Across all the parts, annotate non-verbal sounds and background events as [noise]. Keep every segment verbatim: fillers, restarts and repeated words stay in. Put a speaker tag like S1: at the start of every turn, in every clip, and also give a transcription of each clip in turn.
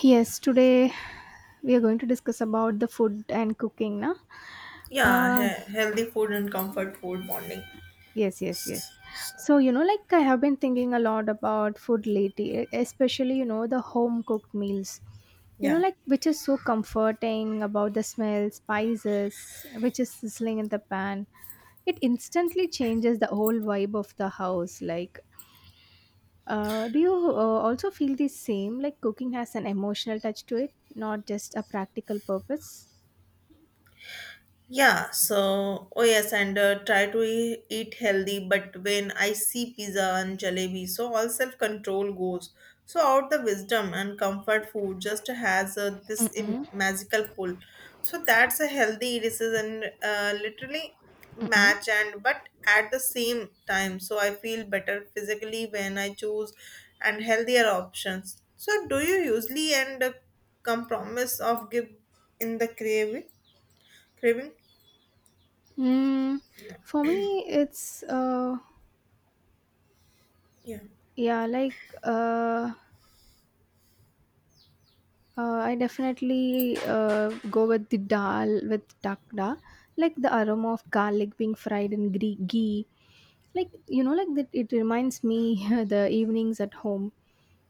S1: Yes, today we are going to discuss about the food and cooking, na?
S2: Yeah,
S1: Uh,
S2: he- healthy food and comfort food bonding.
S1: yes, yes, yes. So, you know, like I have been thinking a lot about food lately, e- especially, you know, the home cooked meals. You know,
S2: Yeah.
S1: like which is so comforting about the smell, spices, which is sizzling in the pan. It instantly changes the whole vibe of the house. Like, uh, do you uh, also feel the same? Like cooking has an emotional touch to it, not just a practical purpose?
S2: Yeah, so oh yes, and uh, try to e- eat healthy. But when I see pizza and jalebi, so all self control goes. So out the wisdom and comfort food just has uh, this Im- magical pull. So that's a healthy decision, uh, literally match and but at the same time. So I feel better physically when I choose and healthier options. So do you usually end a compromise of give in the craving? Craving?
S1: Mm, for me, it's uh,
S2: Yeah.
S1: yeah, like uh, uh, I definitely uh, go with the dal with takda, like the aroma of garlic being fried in gre- ghee. Like you know, like that. It reminds me [laughs] the evenings at home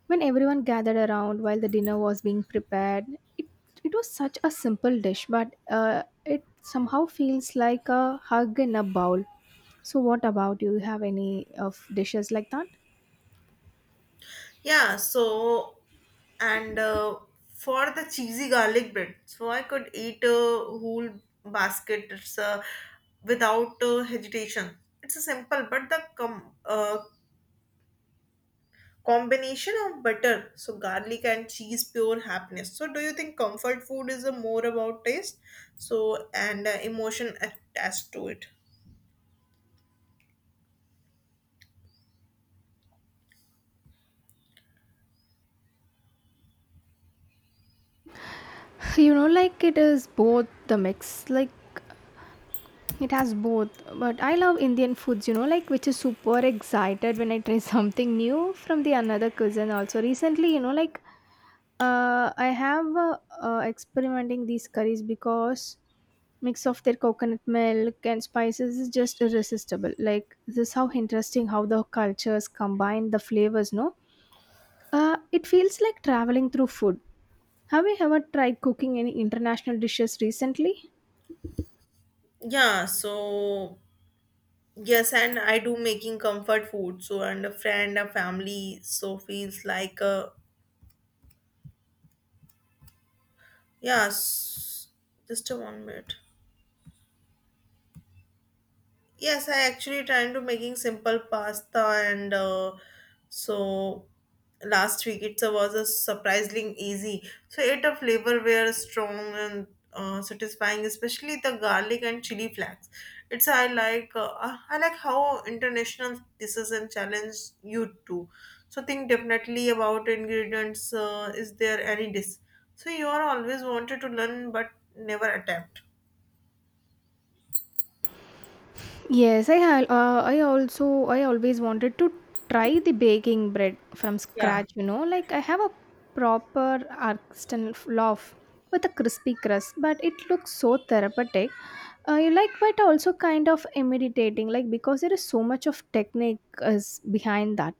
S1: when everyone gathered around while the dinner was being prepared. It it was such a simple dish, but uh, it somehow feels like a hug in a bowl. So, what about you? You have any of dishes like that?
S2: Yeah, so and uh, For the cheesy garlic bread, so I could eat a whole basket it's, uh, without uh, hesitation. It's a simple, but the com- uh, combination of butter, so garlic and cheese, pure happiness. So, do you think comfort food is a more about taste, so and uh, emotion attached to it?
S1: [laughs] You know, like it is both the mix, like it has both, but I love Indian foods, you know, like which is super excited when I try [laughs] something new from the another cuisine also recently, you know, like uh, i have uh, uh, experimenting these curries because mix of their coconut milk and spices is just irresistible. Like this is how interesting how the cultures combine the flavors, no. Uh, it feels like traveling through food. Have you ever tried cooking any international dishes recently?
S2: Yeah, so Yes, and I do making comfort food. So and a friend, a family. So feels like a yeah. s- Just a one minute. Yes, I actually trying to making simple pasta and uh, so last week it was a surprisingly easy. So it a flavor were strong and uh, satisfying, especially the garlic and chili flakes. It's I like uh, I like how international dishes and challenge you too. So think definitely about ingredients. Uh, is there any dish? So you are always wanted to learn but never attempt.
S1: Yes, I have. Uh, I also I always wanted to try the baking bread from
S2: Yeah,
S1: scratch. You know, like I have a proper artisan loaf with a crispy crust, but it looks so therapeutic. Uh, you like, but also kind of intimidating, like because there is so much of technique is behind that.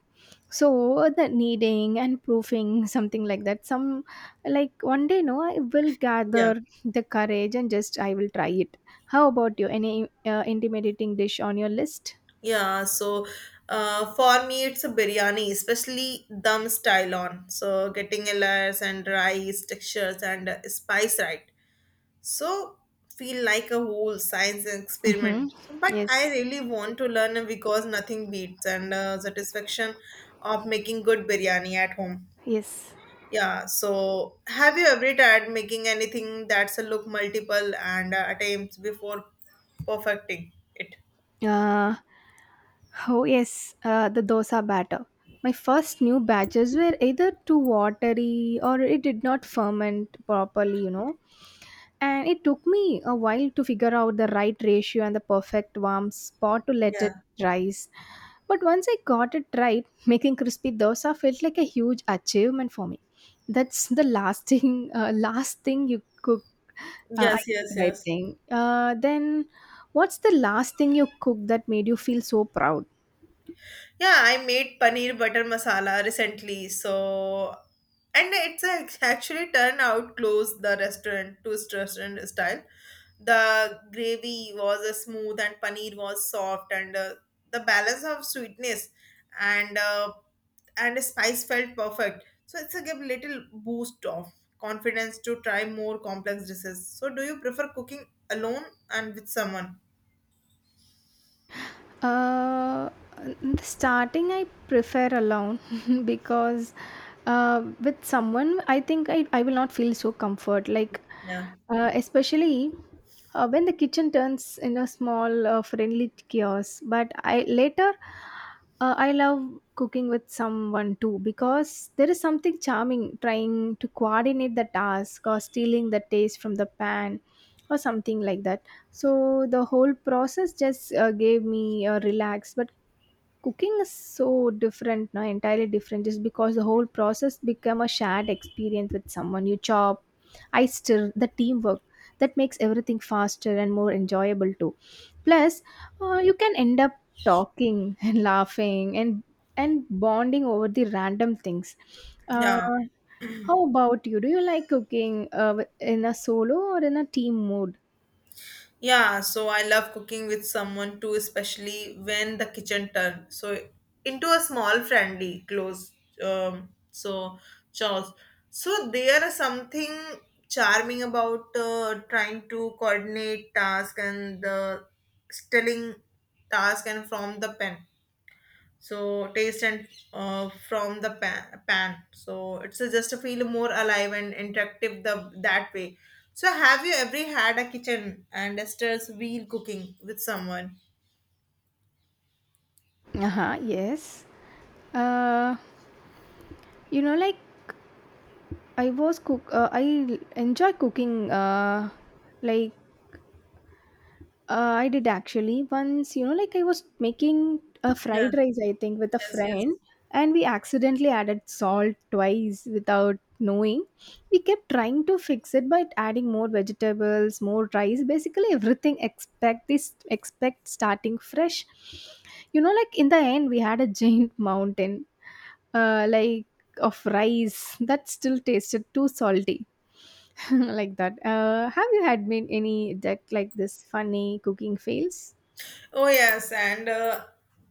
S1: So the kneading and proofing [laughs] something like that. Some, like one day, no, I will
S2: yeah.
S1: gather the courage and just I will try it. How about you? Any uh, intimidating dish on your list?
S2: Yeah, so uh, for me it's a biryani, especially dum style on. So getting layers and rice textures and uh, spice right. So feel like a whole science
S1: Mm-hmm.
S2: experiment. So, but I
S1: Yes.
S2: really want to learn because nothing beats and uh, satisfaction of making good biryani at home.
S1: Yes.
S2: Yeah, so have you ever tried making anything that's a look multiple and uh, attempts before perfecting it?
S1: Uh, oh yes, uh, the dosa batter. My first new batches were either too watery or it did not ferment properly, you know. And it took me a while to figure out the right ratio and the perfect warm spot to let
S2: Yeah.
S1: it rise. But once I got it right, [laughs] making crispy dosa felt like a huge achievement for me. That's the last thing, uh, last thing you cook. Uh, I
S2: Yes,
S1: cook
S2: yes,
S1: right
S2: yes.
S1: thing. Uh, then what's the last thing you cooked that made you feel so proud?
S2: Yeah, I made paneer butter masala recently, so and it's ac- actually turned out close the restaurant to restaurant style. The gravy was uh, smooth and paneer was soft, and uh, the balance of sweetness and uh, and spice felt perfect. So it's a give little boost of confidence to try more complex dishes. So do you prefer cooking alone and with someone?
S1: Uh, in the starting, I prefer alone [laughs] because uh, with someone, I think I, I will not feel so comfort. Like,
S2: Yeah,
S1: uh, especially uh, when the kitchen turns in a small, uh, friendly chaos. But I later, uh, I love cooking with someone too, because there is something charming trying to coordinate the task or stealing the taste from the pan, or something like that. So the whole process just uh, gave me a relax. But cooking is so different now, entirely different, just because the whole process become a shared experience with someone. You chop, I stir, the teamwork that makes everything faster and more enjoyable too. Plus, uh, you can end up talking [laughs] and laughing and and bonding over the random things. Uh,
S2: yeah.
S1: how about you? Do you like cooking uh, in a solo or in a team mode?
S2: Yeah, so I love cooking with someone too, especially when the kitchen turn. So into a small friendly close um so chores. So there is something charming about uh, trying to coordinate task and the stealing task and from the pen so taste and uh, from the pan, pan. so It's a- just to feel more alive and interactive the that way so have you ever had a kitchen and a stairs wheel cooking with someone?
S1: Uh huh. Yes. Uh, you know, like I was cook. Uh, I l- enjoy cooking. Uh, like uh, I did actually once. You know, like I was making a
S2: Yeah.
S1: fried rice, I think, with a
S2: Yes. Yes.
S1: friend, and we accidentally added salt twice without knowing. We kept trying to fix it by adding more vegetables, more rice. Basically, everything expect this expect starting fresh. You know, like in the end, we had a giant [laughs] mountain uh, like of rice that still tasted too salty. [laughs] Like that, uh, have you had been any deck like this funny cooking fails?
S2: Oh yes, and uh,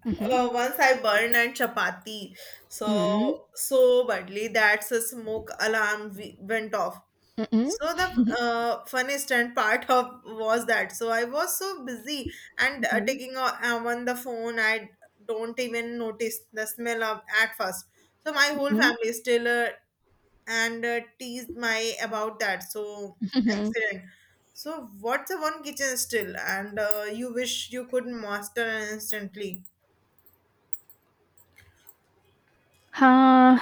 S1: Mm-hmm.
S2: uh, once I burned and chapati,
S1: Mm-hmm.
S2: so so badly that's a smoke alarm we went off.
S1: Mm-hmm.
S2: So the uh, funniest and part of was that so I was so busy and uh,
S1: Mm-hmm.
S2: taking o- um, on the phone. I don't even notice the smell of at first. So my whole
S1: Mm-hmm.
S2: family still uh, and uh, teased my about that so
S1: Mm.
S2: accident. So what's a one kitchen still and uh, you wish you could master instantly?
S1: Uh,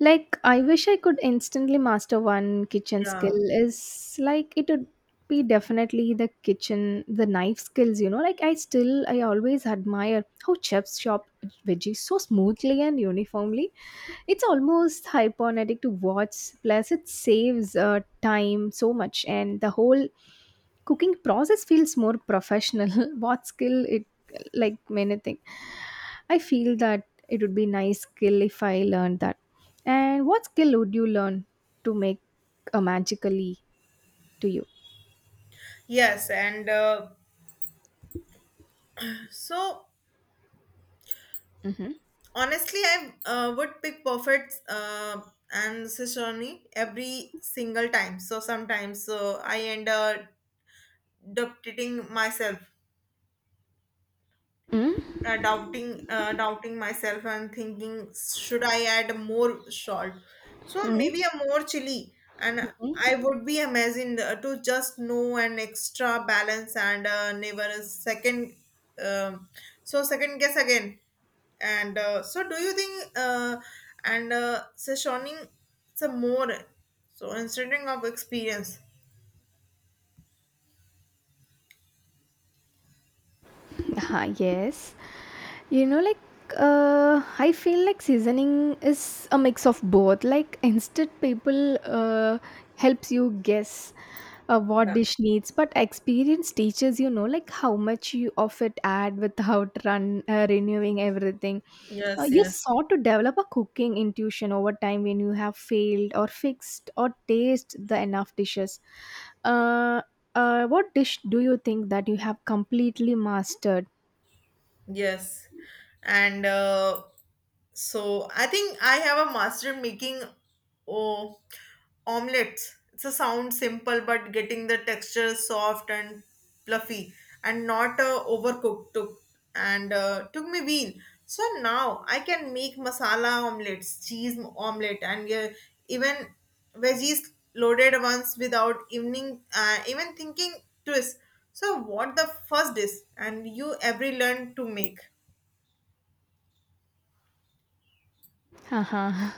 S1: like I wish I could instantly master one kitchen
S2: Yeah
S1: skill is like it would be definitely the kitchen the knife skills, you know, like I still I always admire how chefs chop veggies so smoothly and uniformly. It's almost hypnotic to watch. Plus, it saves uh, time so much, and the whole cooking process feels more professional. [laughs] What skill it, like many things. I feel that it would be nice skill if I learned that. And what skill would you learn to make a magically to you?
S2: yes and uh, so
S1: Mm-hmm.
S2: Honestly, i uh, would pick perfect uh, and sashimi every single time. So sometimes uh, I end up dictating myself,
S1: Mm-hmm.
S2: uh, doubting uh, doubting myself and thinking should I add more salt, so maybe a more chili, and I would be amazing uh, to just know an extra balance and uh, never a second um, so second guess again and uh, so do you think uh, and uh, sessioning some more so instead of experience?
S1: uh [laughs] yes. You know, like, uh, I feel like seasoning is a mix of both. Like, instant people uh, helps you guess uh, what
S2: Yeah.
S1: dish needs, but experience teaches you know, like, how much you of it add without run uh, renewing everything. Uh,
S2: Yes,
S1: you
S2: yes.
S1: sought to develop a cooking intuition over time when you have failed or fixed or taste the enough dishes. Uh, uh, what dish do you think that you have completely mastered?
S2: Yes. And uh, so I think I have a master in making oh, omelets. It's a sound simple, but getting the texture soft and fluffy and not uh, overcooked took and uh, took me wheel. So now I can make masala omelets, cheese omelet, and uh, even veggies loaded once without evening uh, even thinking twist. So what the first dish and you every learn to make?
S1: Haha.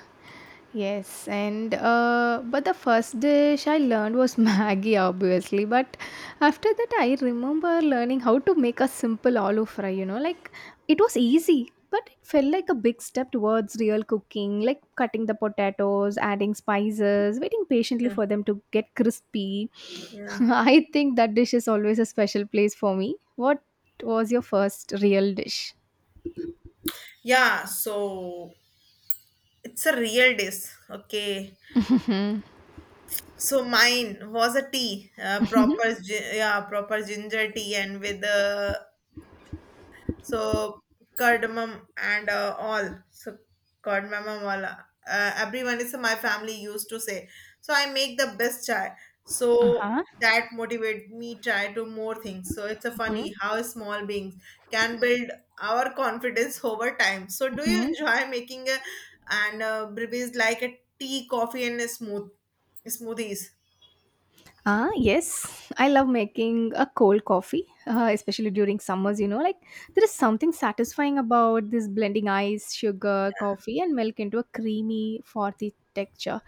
S1: Yes, and uh, but the first dish I learned was [laughs] Maggie, obviously. But after that, I remember learning how to make a simple aloo fry. You know, like it was easy, but it felt like a big step towards real cooking, like cutting the potatoes, adding spices, waiting patiently
S2: Yeah,
S1: for them to get crispy. [laughs]
S2: yeah.
S1: I think that dish is always a special place for me. What was your first real dish?
S2: Yeah, so it's a real dish. Okay.
S1: Mm-hmm.
S2: So mine was a tea, uh, proper gi- yeah, proper ginger tea and with uh, so cardamom and uh, all so cardamom and all, uh, everyone is, so my family used to say so I make the best chai.
S1: [laughs]
S2: So
S1: Uh
S2: that motivate me try to more things. So it's a funny how small beings can build our confidence [laughs] over time. So do you
S1: huh.
S2: enjoy making a, and uh, breweries like a tea coffee and a smooth smoothies?
S1: Ah, yes. I love making a cold coffee, uh, especially during summers, you know. Like, there is something satisfying about this blending ice, sugar, coffee, and milk into a creamy, frothy texture.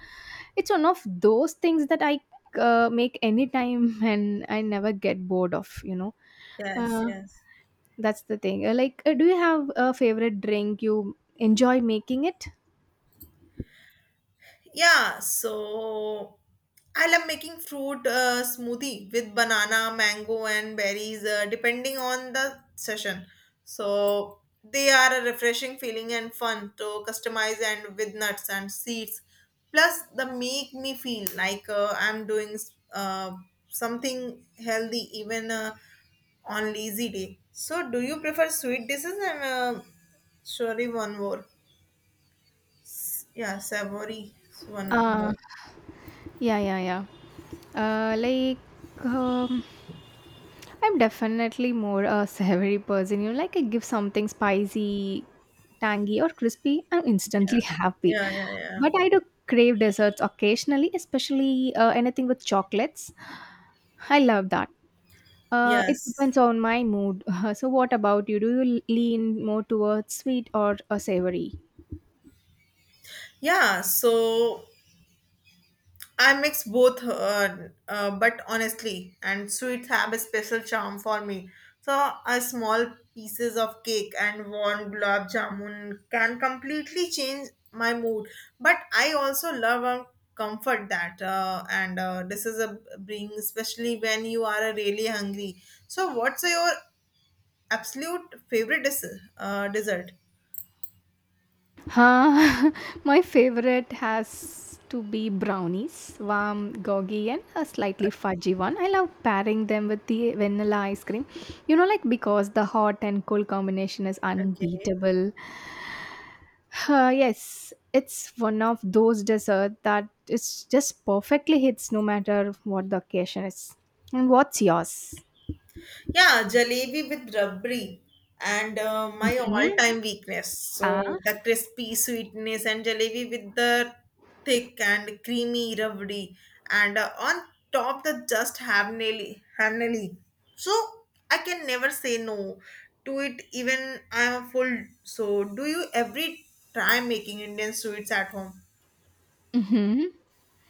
S1: It's one of those things that I uh, make anytime [laughs] and I never get bored of, you know.
S2: Yes
S1: Uh,
S2: yes
S1: that's the thing. Uh, Like, uh, do you have a favorite drink you enjoy making it?
S2: Yeah, so I love making fruit uh, smoothie with banana, mango, and berries, uh, depending on the session. So they are a refreshing feeling and fun to customize and with nuts and seeds. Plus, they make me feel like uh, I'm doing uh, something healthy even uh, on lazy day. So, do you prefer sweet dishes and uh, sorry one more? Yeah, savory one
S1: Uh,
S2: more.
S1: yeah, yeah, yeah. Uh, like, um, I'm definitely more a savory person. You know, like I give something spicy, tangy, or crispy, I'm
S2: Yeah
S1: instantly [laughs] happy.
S2: yeah yeah yeah
S1: But I do crave desserts occasionally, especially uh, anything with chocolates. I love that. Uh, it
S2: yes
S1: depends on my mood. [laughs] So, what about you? Do you lean more towards sweet or uh, savory?
S2: yeah so I mix both uh, uh, but honestly and sweets have a special charm for me. So a small pieces of cake and warm gulab jamun can completely change my mood, but I also love a comfort that uh, and uh, this is a bring especially when you are uh, really hungry. So what's your absolute favorite dessert uh, dessert?
S1: Huh? [laughs] My favorite has to be brownies, warm, goggy, and a slightly fudgy one. I love pairing them with the vanilla ice cream. You know, like because the hot and cold combination is
S2: Okay.
S1: unbeatable. Uh, yes, it's one of those desserts that it's just perfectly hits no matter what the occasion is. And what's yours?
S2: Yeah, jalebi with rabri and uh, my
S1: Mm-hmm.
S2: all-time weakness. So
S1: Ah.
S2: the crispy sweetness and jalebi with the thick and creamy rabri and uh, on top the just hamneli hamneli. So I can never say no to it even I'm a full. So do you every try making Indian sweets at home?
S1: Mm-hmm.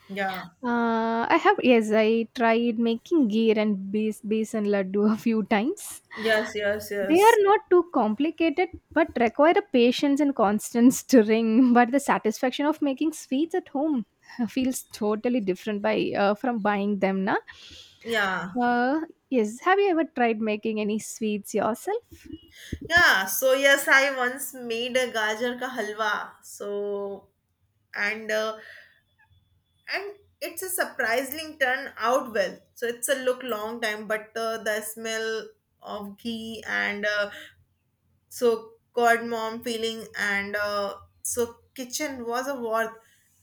S2: Yeah.
S1: Uh, I have, yes, I tried making gear and base besan laddu [laughs] a few times.
S2: Yes, yes,
S1: They are
S2: yes.
S1: not too complicated, but require a patience and constant stirring. [laughs] But the satisfaction of making sweets at home [laughs] feels totally different by uh, from buying them, na.
S2: Yeah.
S1: Uh, yes, have you ever tried making any sweets yourself?
S2: Yeah, so yes, I once made a gajar ka halwa. So and uh, and it's a surprisingly turn out well. So it's a look long time, but uh, the smell of ghee and uh, so cardamom feeling and uh, so kitchen was a worth.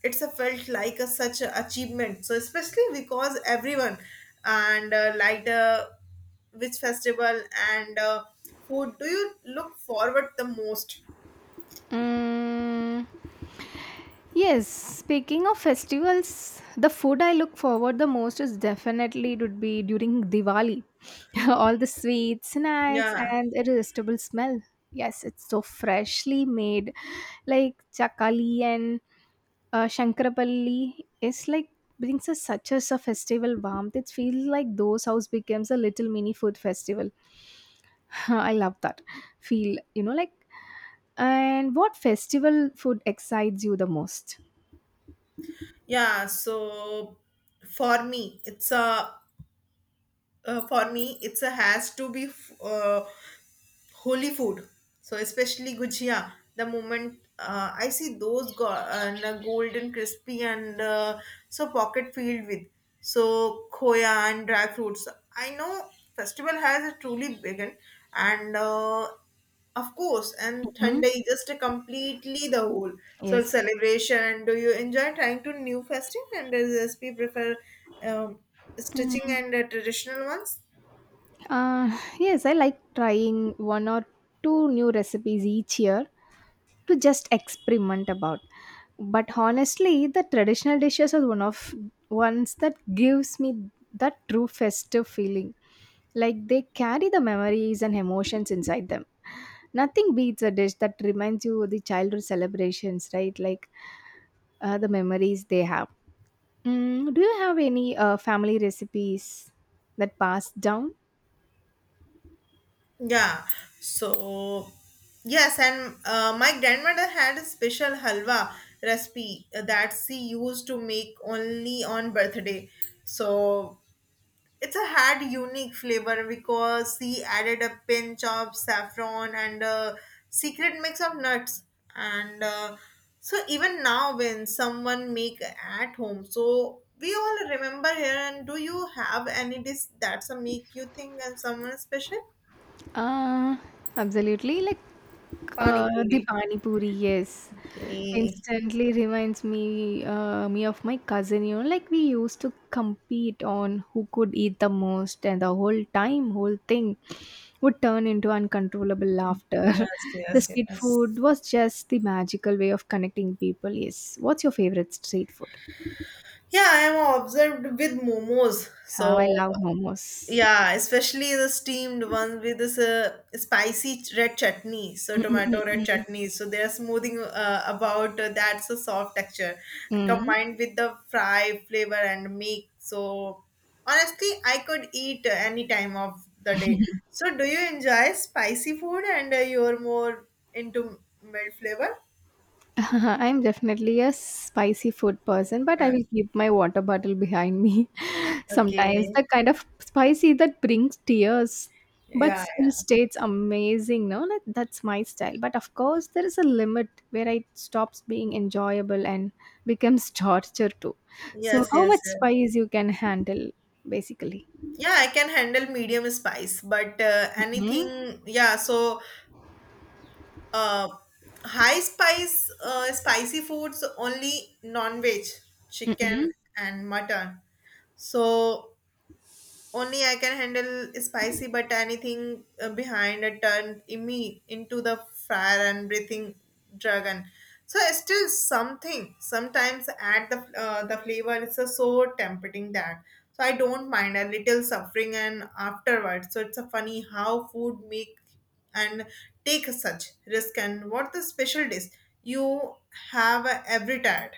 S2: It's a felt like a such a achievement. So especially because everyone and uh, like uh, which festival and uh, food do you look forward the most?
S1: Mm. Yes, speaking of festivals, the food I look forward the most is definitely it would be during Diwali. [laughs] All the sweets, snacks,
S2: Yeah,
S1: and irresistible smell. Yes, it's so freshly made. Like chakali and uh, shankarapalli is like brings us such as a festival warmth. It feels like those house becomes a little mini food festival. [laughs] I love that feel. You know, like, and what festival food excites you the most?
S2: yeah. So for me, it's a uh, for me it's a has to be f- uh, holy food. So especially gujia. The moment uh, I see those go- and, uh, golden crispy and uh, so pocket filled with so khoya and dry fruits. I know festival has truly begun, and uh, of course, and Sunday is just a completely the whole so
S1: Yes.
S2: celebration. Do you enjoy trying to new festive and does S P prefer um, stitching
S1: Mm,
S2: and uh, traditional ones?
S1: uh, yes, I like trying one or two new recipes each year to just experiment about. But honestly, the traditional dishes are one of ones that gives me that true festive feeling. Like they carry the memories and emotions inside them. Nothing beats a dish that reminds you of the childhood celebrations, right? Like uh, the memories they have. Mm, do you have any uh, family recipes that passed down?
S2: Yeah. So yes, and uh, my grandmother had a special halwa recipe uh, that she used to make only on birthday. So it's a had unique flavor because she added a pinch of saffron and a secret mix of nuts and. Uh, so even now when someone make at home so we all remember here. And do you have any dish that's a make you think and someone special?
S1: Uh, absolutely. Like
S2: Pani
S1: uh, the
S2: puri
S1: pani puri, yes.
S2: Okay.
S1: Instantly reminds me uh, me of my cousin. You know, like we used to compete on who could eat the most, and the whole time, whole thing would turn into uncontrollable laughter. [laughs]
S2: Yes,
S1: The
S2: yes,
S1: street food
S2: yes.
S1: was just the magical way of connecting people. Yes. What's your favorite street food?
S2: Yeah, I am observed with momos.
S1: How I
S2: So
S1: love momos.
S2: yeah, especially the steamed ones with this uh, spicy ch- red chutney. So tomato red
S1: Mm-mm-mm-mm.
S2: chutney. So they are smoothing uh, about uh, that's a soft texture and combined with the fry flavor and milk. So honestly, I could eat uh, any time of the day. So do you enjoy spicy food and uh, you're more into mild flavor?
S1: [laughs] I'm definitely a spicy food person, but I
S2: Uh,
S1: will keep my water bottle behind me. [laughs] Sometimes
S2: okay.
S1: the kind of spicy that brings tears, but
S2: Yeah,
S1: still
S2: yeah.
S1: stays amazing. No, like, that's my style. But of course, there is a limit where it stops being enjoyable and becomes [laughs] torture too. So,
S2: Yes,
S1: how much
S2: yes, yes.
S1: spice you can handle, basically?
S2: Yeah, I can handle medium spice, but uh,
S1: Mm-hmm.
S2: anything, yeah, so uh, high spice, uh, spicy foods only non-veg, chicken and mutton. So only I can handle spicy, but anything uh, behind a turn in me into the fire and breathing dragon. So it's still something. Sometimes add the uh, the flavor. It's a so tempting that. So I don't mind a little suffering and afterwards. So it's a funny how food make and take such risk. And what the special dish you have every time?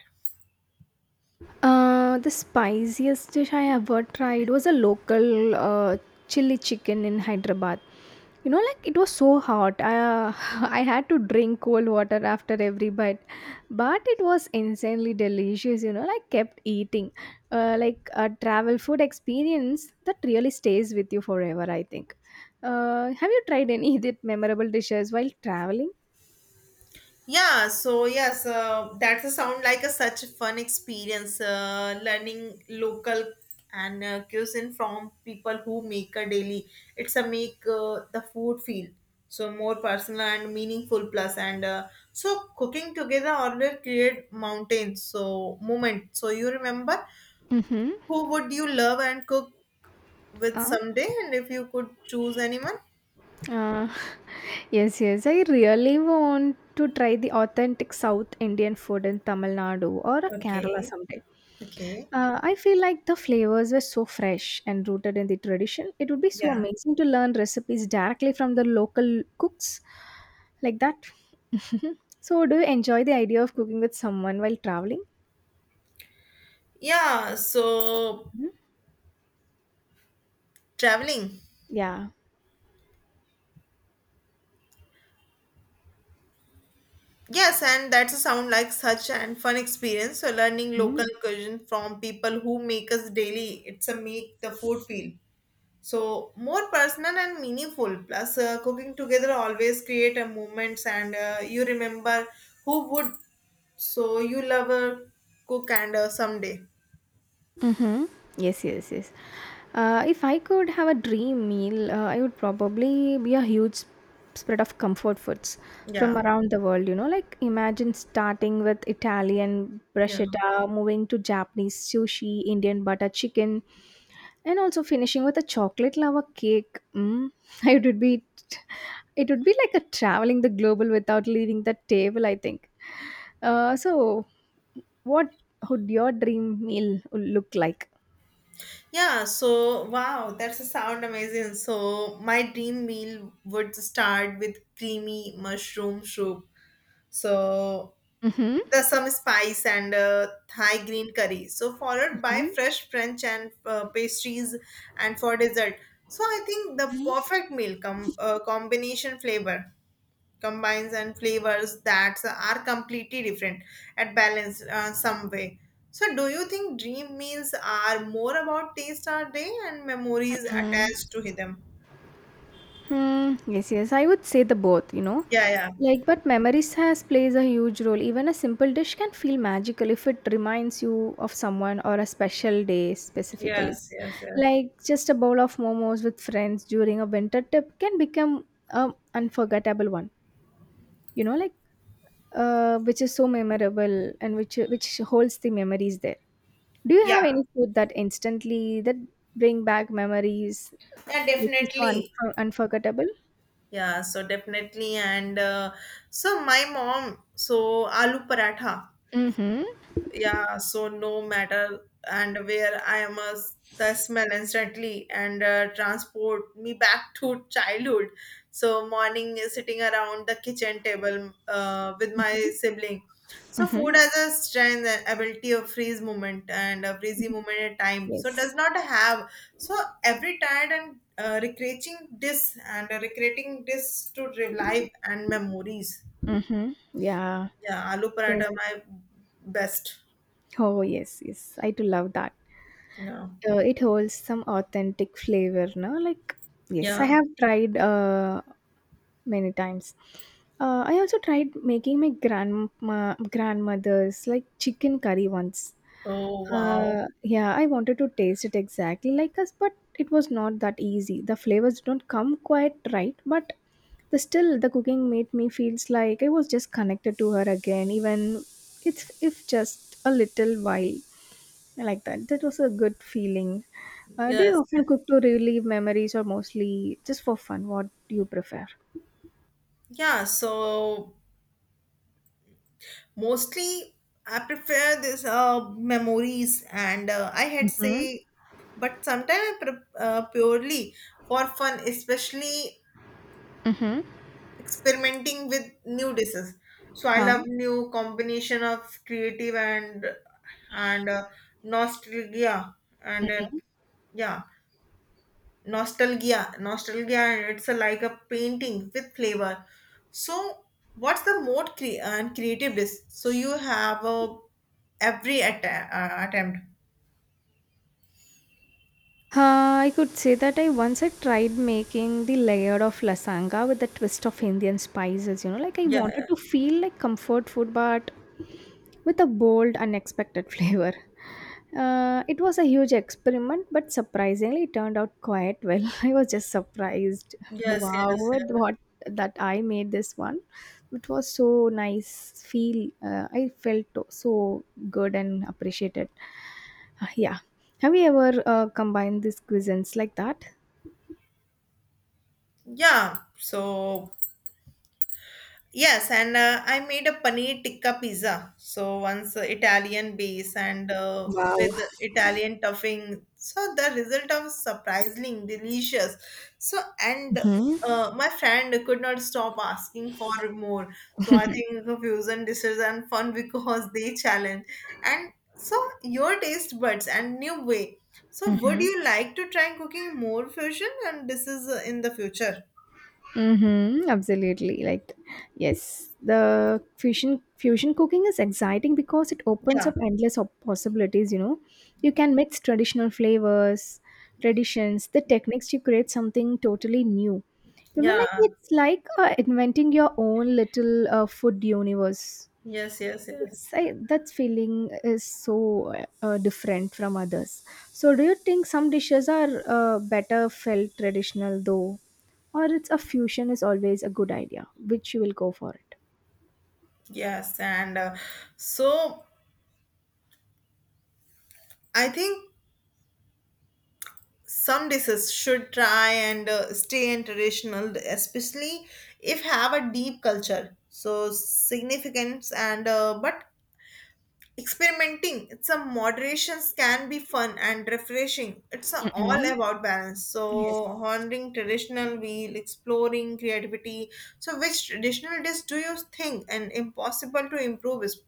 S1: Uh, the spiciest dish I ever tried was a local uh, chili chicken in Hyderabad. You know, like it was so hot. I uh, [laughs] I had to drink cold water after every bite, but it was insanely delicious. You know, like kept eating, uh, like a travel food experience that really stays with you forever, I think. Uh, have you tried any [laughs] of memorable dishes while traveling?
S2: Yeah, so yes, uh, that's a sound like a such a fun experience. Uh, learning local and uh, cuisine from people who make a daily. It's a make uh, the food feel so more personal and meaningful. Plus, and uh, so cooking together order create mountains. So moment. So you remember
S1: Mm-hmm.
S2: who would you love and cook with someday? And if you could choose anyone,
S1: Uh, [laughs] yes, yes. I really want to try the authentic South Indian food in Tamil Nadu or Kerala
S2: Okay.
S1: someday.
S2: okay.
S1: Uh, I feel like the flavors were so fresh and rooted in the tradition. It would be so
S2: Yeah.
S1: amazing to learn recipes directly from the local cooks like that. [laughs] So, do you enjoy the idea of cooking with someone while traveling?
S2: Yeah, so
S1: Mhm.
S2: traveling.
S1: Yeah.
S2: Yes, and that's a sound like such an fun experience. So learning local cuisine from people who make us daily, it's a make the food feel so more personal and meaningful. Plus, uh, cooking together always create a moments, and uh, you remember who would so you love uh, cook and uh, someday.
S1: Mhm. Yes, yes, yes. Uh, if I could have a dream meal, uh, I would probably be a huge sp- spread of comfort foods from
S2: Yeah,
S1: around the world. You know, like imagine starting with Italian
S2: yeah.
S1: bruschetta, moving to Japanese sushi, Indian butter chicken, and also finishing with a chocolate lava cake. Mm. [laughs] It would be, it would be like a traveling the global without leaving the table. I think. Uh, so. What would your dream meal look like?
S2: Yeah, so wow, that's a sound amazing. So my dream meal would start with creamy mushroom soup. So
S1: Mhm.
S2: the some spice and uh, Thai green curry. So followed by
S1: Mhm.
S2: fresh French and uh, pastries and for dessert. So I think the perfect meal com- uh, combination flavor combines and flavors that are completely different at balance uh, some way. So do you think dream meals are more about taste or day and memories attached to
S1: Mhm.
S2: them?
S1: Hmm. Yes, yes. I would say the both, you know.
S2: Yeah, yeah.
S1: Like, but memories has plays a huge role. Even a simple dish can feel magical if it reminds you of someone or a special day specifically.
S2: Yes, yes, yes.
S1: Like just a bowl of momos with friends during a winter trip can become a unforgettable one. You know, like uh, which is so memorable and which which holds the memories there. Do you have
S2: Yeah,
S1: any food that instantly that bring back memories
S2: yeah,
S1: which is so
S2: definitely.
S1: unfor- unforgettable?
S2: Yeah, so definitely. And uh, So my mom, so aloo paratha,
S1: Mm-hmm.
S2: yeah, so no matter and where I am a, the smell instantly and uh, transport me back to childhood, so morning is sitting around the kitchen table uh, with my sibling. So
S1: Mm-hmm.
S2: food has a strength and ability of freeze moment and a freezy moment at time, so
S1: Yes.
S2: does not have, so every tired and uh, recreating this and uh, recreating this to relive and memories.
S1: Mm-hmm. Yeah.
S2: Yeah, aloo
S1: Yes.
S2: paratha my best,
S1: Oh yes, yes. I do love that.
S2: yeah.
S1: Uh, it holds some authentic flavor, no? Like yes, I
S2: Yeah.
S1: have tried uh many times. Uh, I also tried making my grandma grandmother's like chicken curry once.
S2: Oh, wow.
S1: Uh, yeah, I wanted to taste it exactly like us, but it was not that easy. The flavors don't come quite right, but the still the cooking made me feels like I was just connected to her again, even it's if just a little while. I like that. That was a good feeling. Uh, do you
S2: Yes.
S1: often cook to relieve memories or mostly just for fun? What do you prefer?
S2: Yeah. So mostly I prefer this uh, memories, and uh, I had
S1: Mhm.
S2: say, but sometimes I pre- uh, purely for fun, especially
S1: Mhm.
S2: experimenting with new dishes. So I
S1: Um,
S2: love new combination of creative and and uh, nostalgia and
S1: Mm.
S2: uh, yeah. nostalgia nostalgia and it's a, like a painting with flavor. So what's the mode cre- and creative this, so you have a every att- uh, attempt.
S1: uh, I could say that I once I tried making the layer of lasanga with the twist of Indian spices. You know, like I
S2: Yeah.
S1: wanted to feel like comfort food, but with a bold, unexpected [laughs] flavor. Uh, it was a huge experiment, but surprisingly, it turned out quite well. [laughs] I was just surprised.
S2: Yes,
S1: Wow,
S2: yes,
S1: with
S2: yes.
S1: what that I made this one. It was so nice. Feel uh, I felt so good and appreciated. Uh, Yeah. Have you ever uh, combined these cuisines like that?
S2: Yeah, so yes, and uh, I made a paneer tikka pizza. So once uh, Italian base and uh,
S1: Wow.
S2: with Italian stuffing. So the result was surprisingly delicious. So and
S1: Hmm.
S2: uh, my friend could not stop asking for more. So I think the fusion dishes and fun [laughs] because they challenge. And so your taste buds and new way. So would
S1: Hmm.
S2: you like to try cooking more fusion and this is uh, in the future?
S1: Mm-hmm, absolutely. Like, yes, the fusion fusion cooking is exciting because it opens
S2: Yeah.
S1: up endless op- possibilities. You know, you can mix traditional flavors, traditions, the techniques to create something totally new. You know,
S2: Yeah.
S1: like it's like uh, inventing your own little uh, food universe.
S2: Yes, yes, yes.
S1: Yes, I, that feeling is so uh, different from others. So, do you think some dishes are uh, better felt traditional though, or it's a fusion is always a good idea? Which you will go for it?
S2: Yes, and uh, so I think some dishes should try and uh, stay in traditional, especially if have a deep culture. So significance and uh, but experimenting, it's a moderations can be fun and refreshing. It's a, all
S1: Mm-mm.
S2: about balance.
S1: Yes.
S2: So honoring traditional while exploring creativity. So which traditional dish do you think and impossible to improve is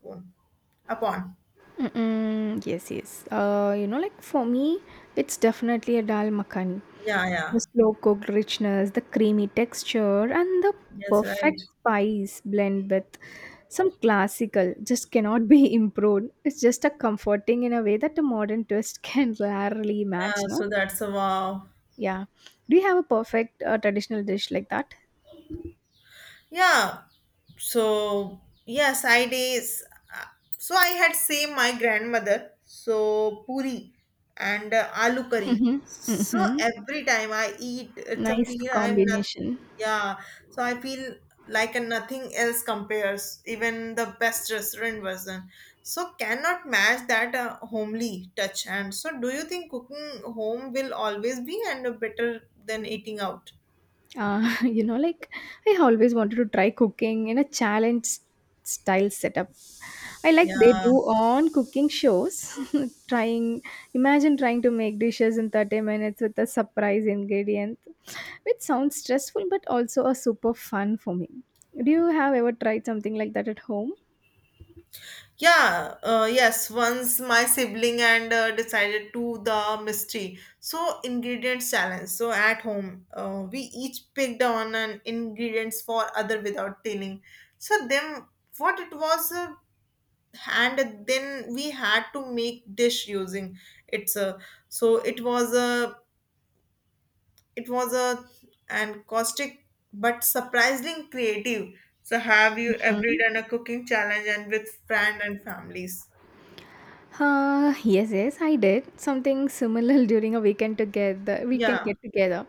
S2: upon?
S1: Mm-mm, yes, yes. Uh, you know, like for me, it's definitely a dal makhani.
S2: Yeah, yeah.
S1: The slow cooked richness, the creamy texture, and the
S2: Yes,
S1: perfect
S2: right.
S1: spice blend with some classical just cannot be [laughs] improved. It's just a comforting in a way that a modern twist [laughs] can rarely
S2: Yeah,
S1: match, no?
S2: so that's a wow.
S1: Yeah. Do you have a perfect uh, traditional dish like that?
S2: Yeah. So yes, I days. Uh, So I had same my grandmother. So puri and uh, aloo curry.
S1: Mm-hmm.
S2: So
S1: Mm-hmm.
S2: every time I eat, it's a
S1: Nice
S2: feel I'm not.
S1: combination.
S2: Yeah. So I feel like a nothing else compares. Even the best restaurant version. So cannot match that uh, homely touch. And so, do you think cooking home will always be and better than eating out?
S1: Uh, [laughs] you know, like I always wanted to try cooking in a challenge s- style setup. I like they
S2: Yeah.
S1: do on cooking shows. [laughs] trying, imagine trying to make dishes in thirty minutes with a surprise ingredient, which sounds stressful but also a super fun for me. Do you have ever tried something like that at home?
S2: Yeah, uh, yes. Once my sibling and uh, decided to the mystery. So ingredients challenge. So at home, uh, we each picked on an ingredients for other without telling. So then what it was, uh, and then we had to make dish using it's uh, so it was a it was a and caustic but surprisingly creative. So have you ever
S1: Mhm.
S2: done a cooking challenge and with friend and families?
S1: Uh, yes, yes, I did something similar [laughs] during a weekend together. Weekend
S2: Yeah.
S1: get together.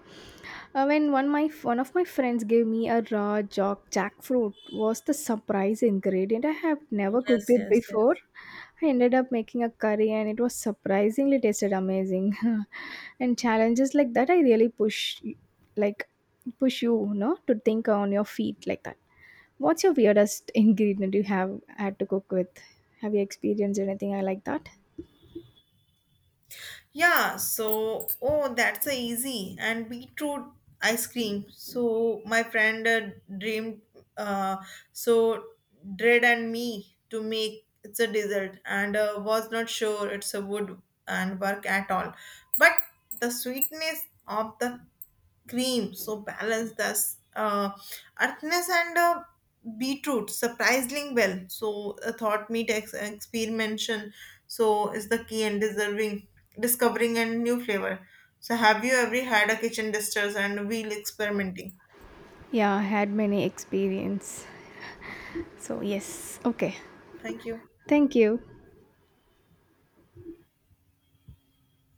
S1: Uh, when one my one of my friends gave me a raw jack jackfruit was the surprise ingredient. I have never cooked
S2: Yes,
S1: it
S2: yes,
S1: before.
S2: yes.
S1: I ended up making a curry and it was surprisingly tasted amazing. [laughs] And challenges like that I really push like push you, no, to think on your feet like that. What's your weirdest [laughs] ingredient you have had to cook with? Have you experienced anything like that?
S2: Yeah, so oh, that's a easy and beetroot ice cream. So my friend uh, dreamed, uh, so Dread and me to make it's a dessert and uh, was not sure it's a wood and work at all. But the sweetness of the cream so balanced thus uh, earthness and uh, beetroot surprisingly well, so a thought meat ex- experimentation so is the key in deserving discovering a new flavor. So have you ever had a kitchen distress and wheel experimenting?
S1: Yeah, I had many experience. So yes. Okay.
S2: Thank you.
S1: Thank you.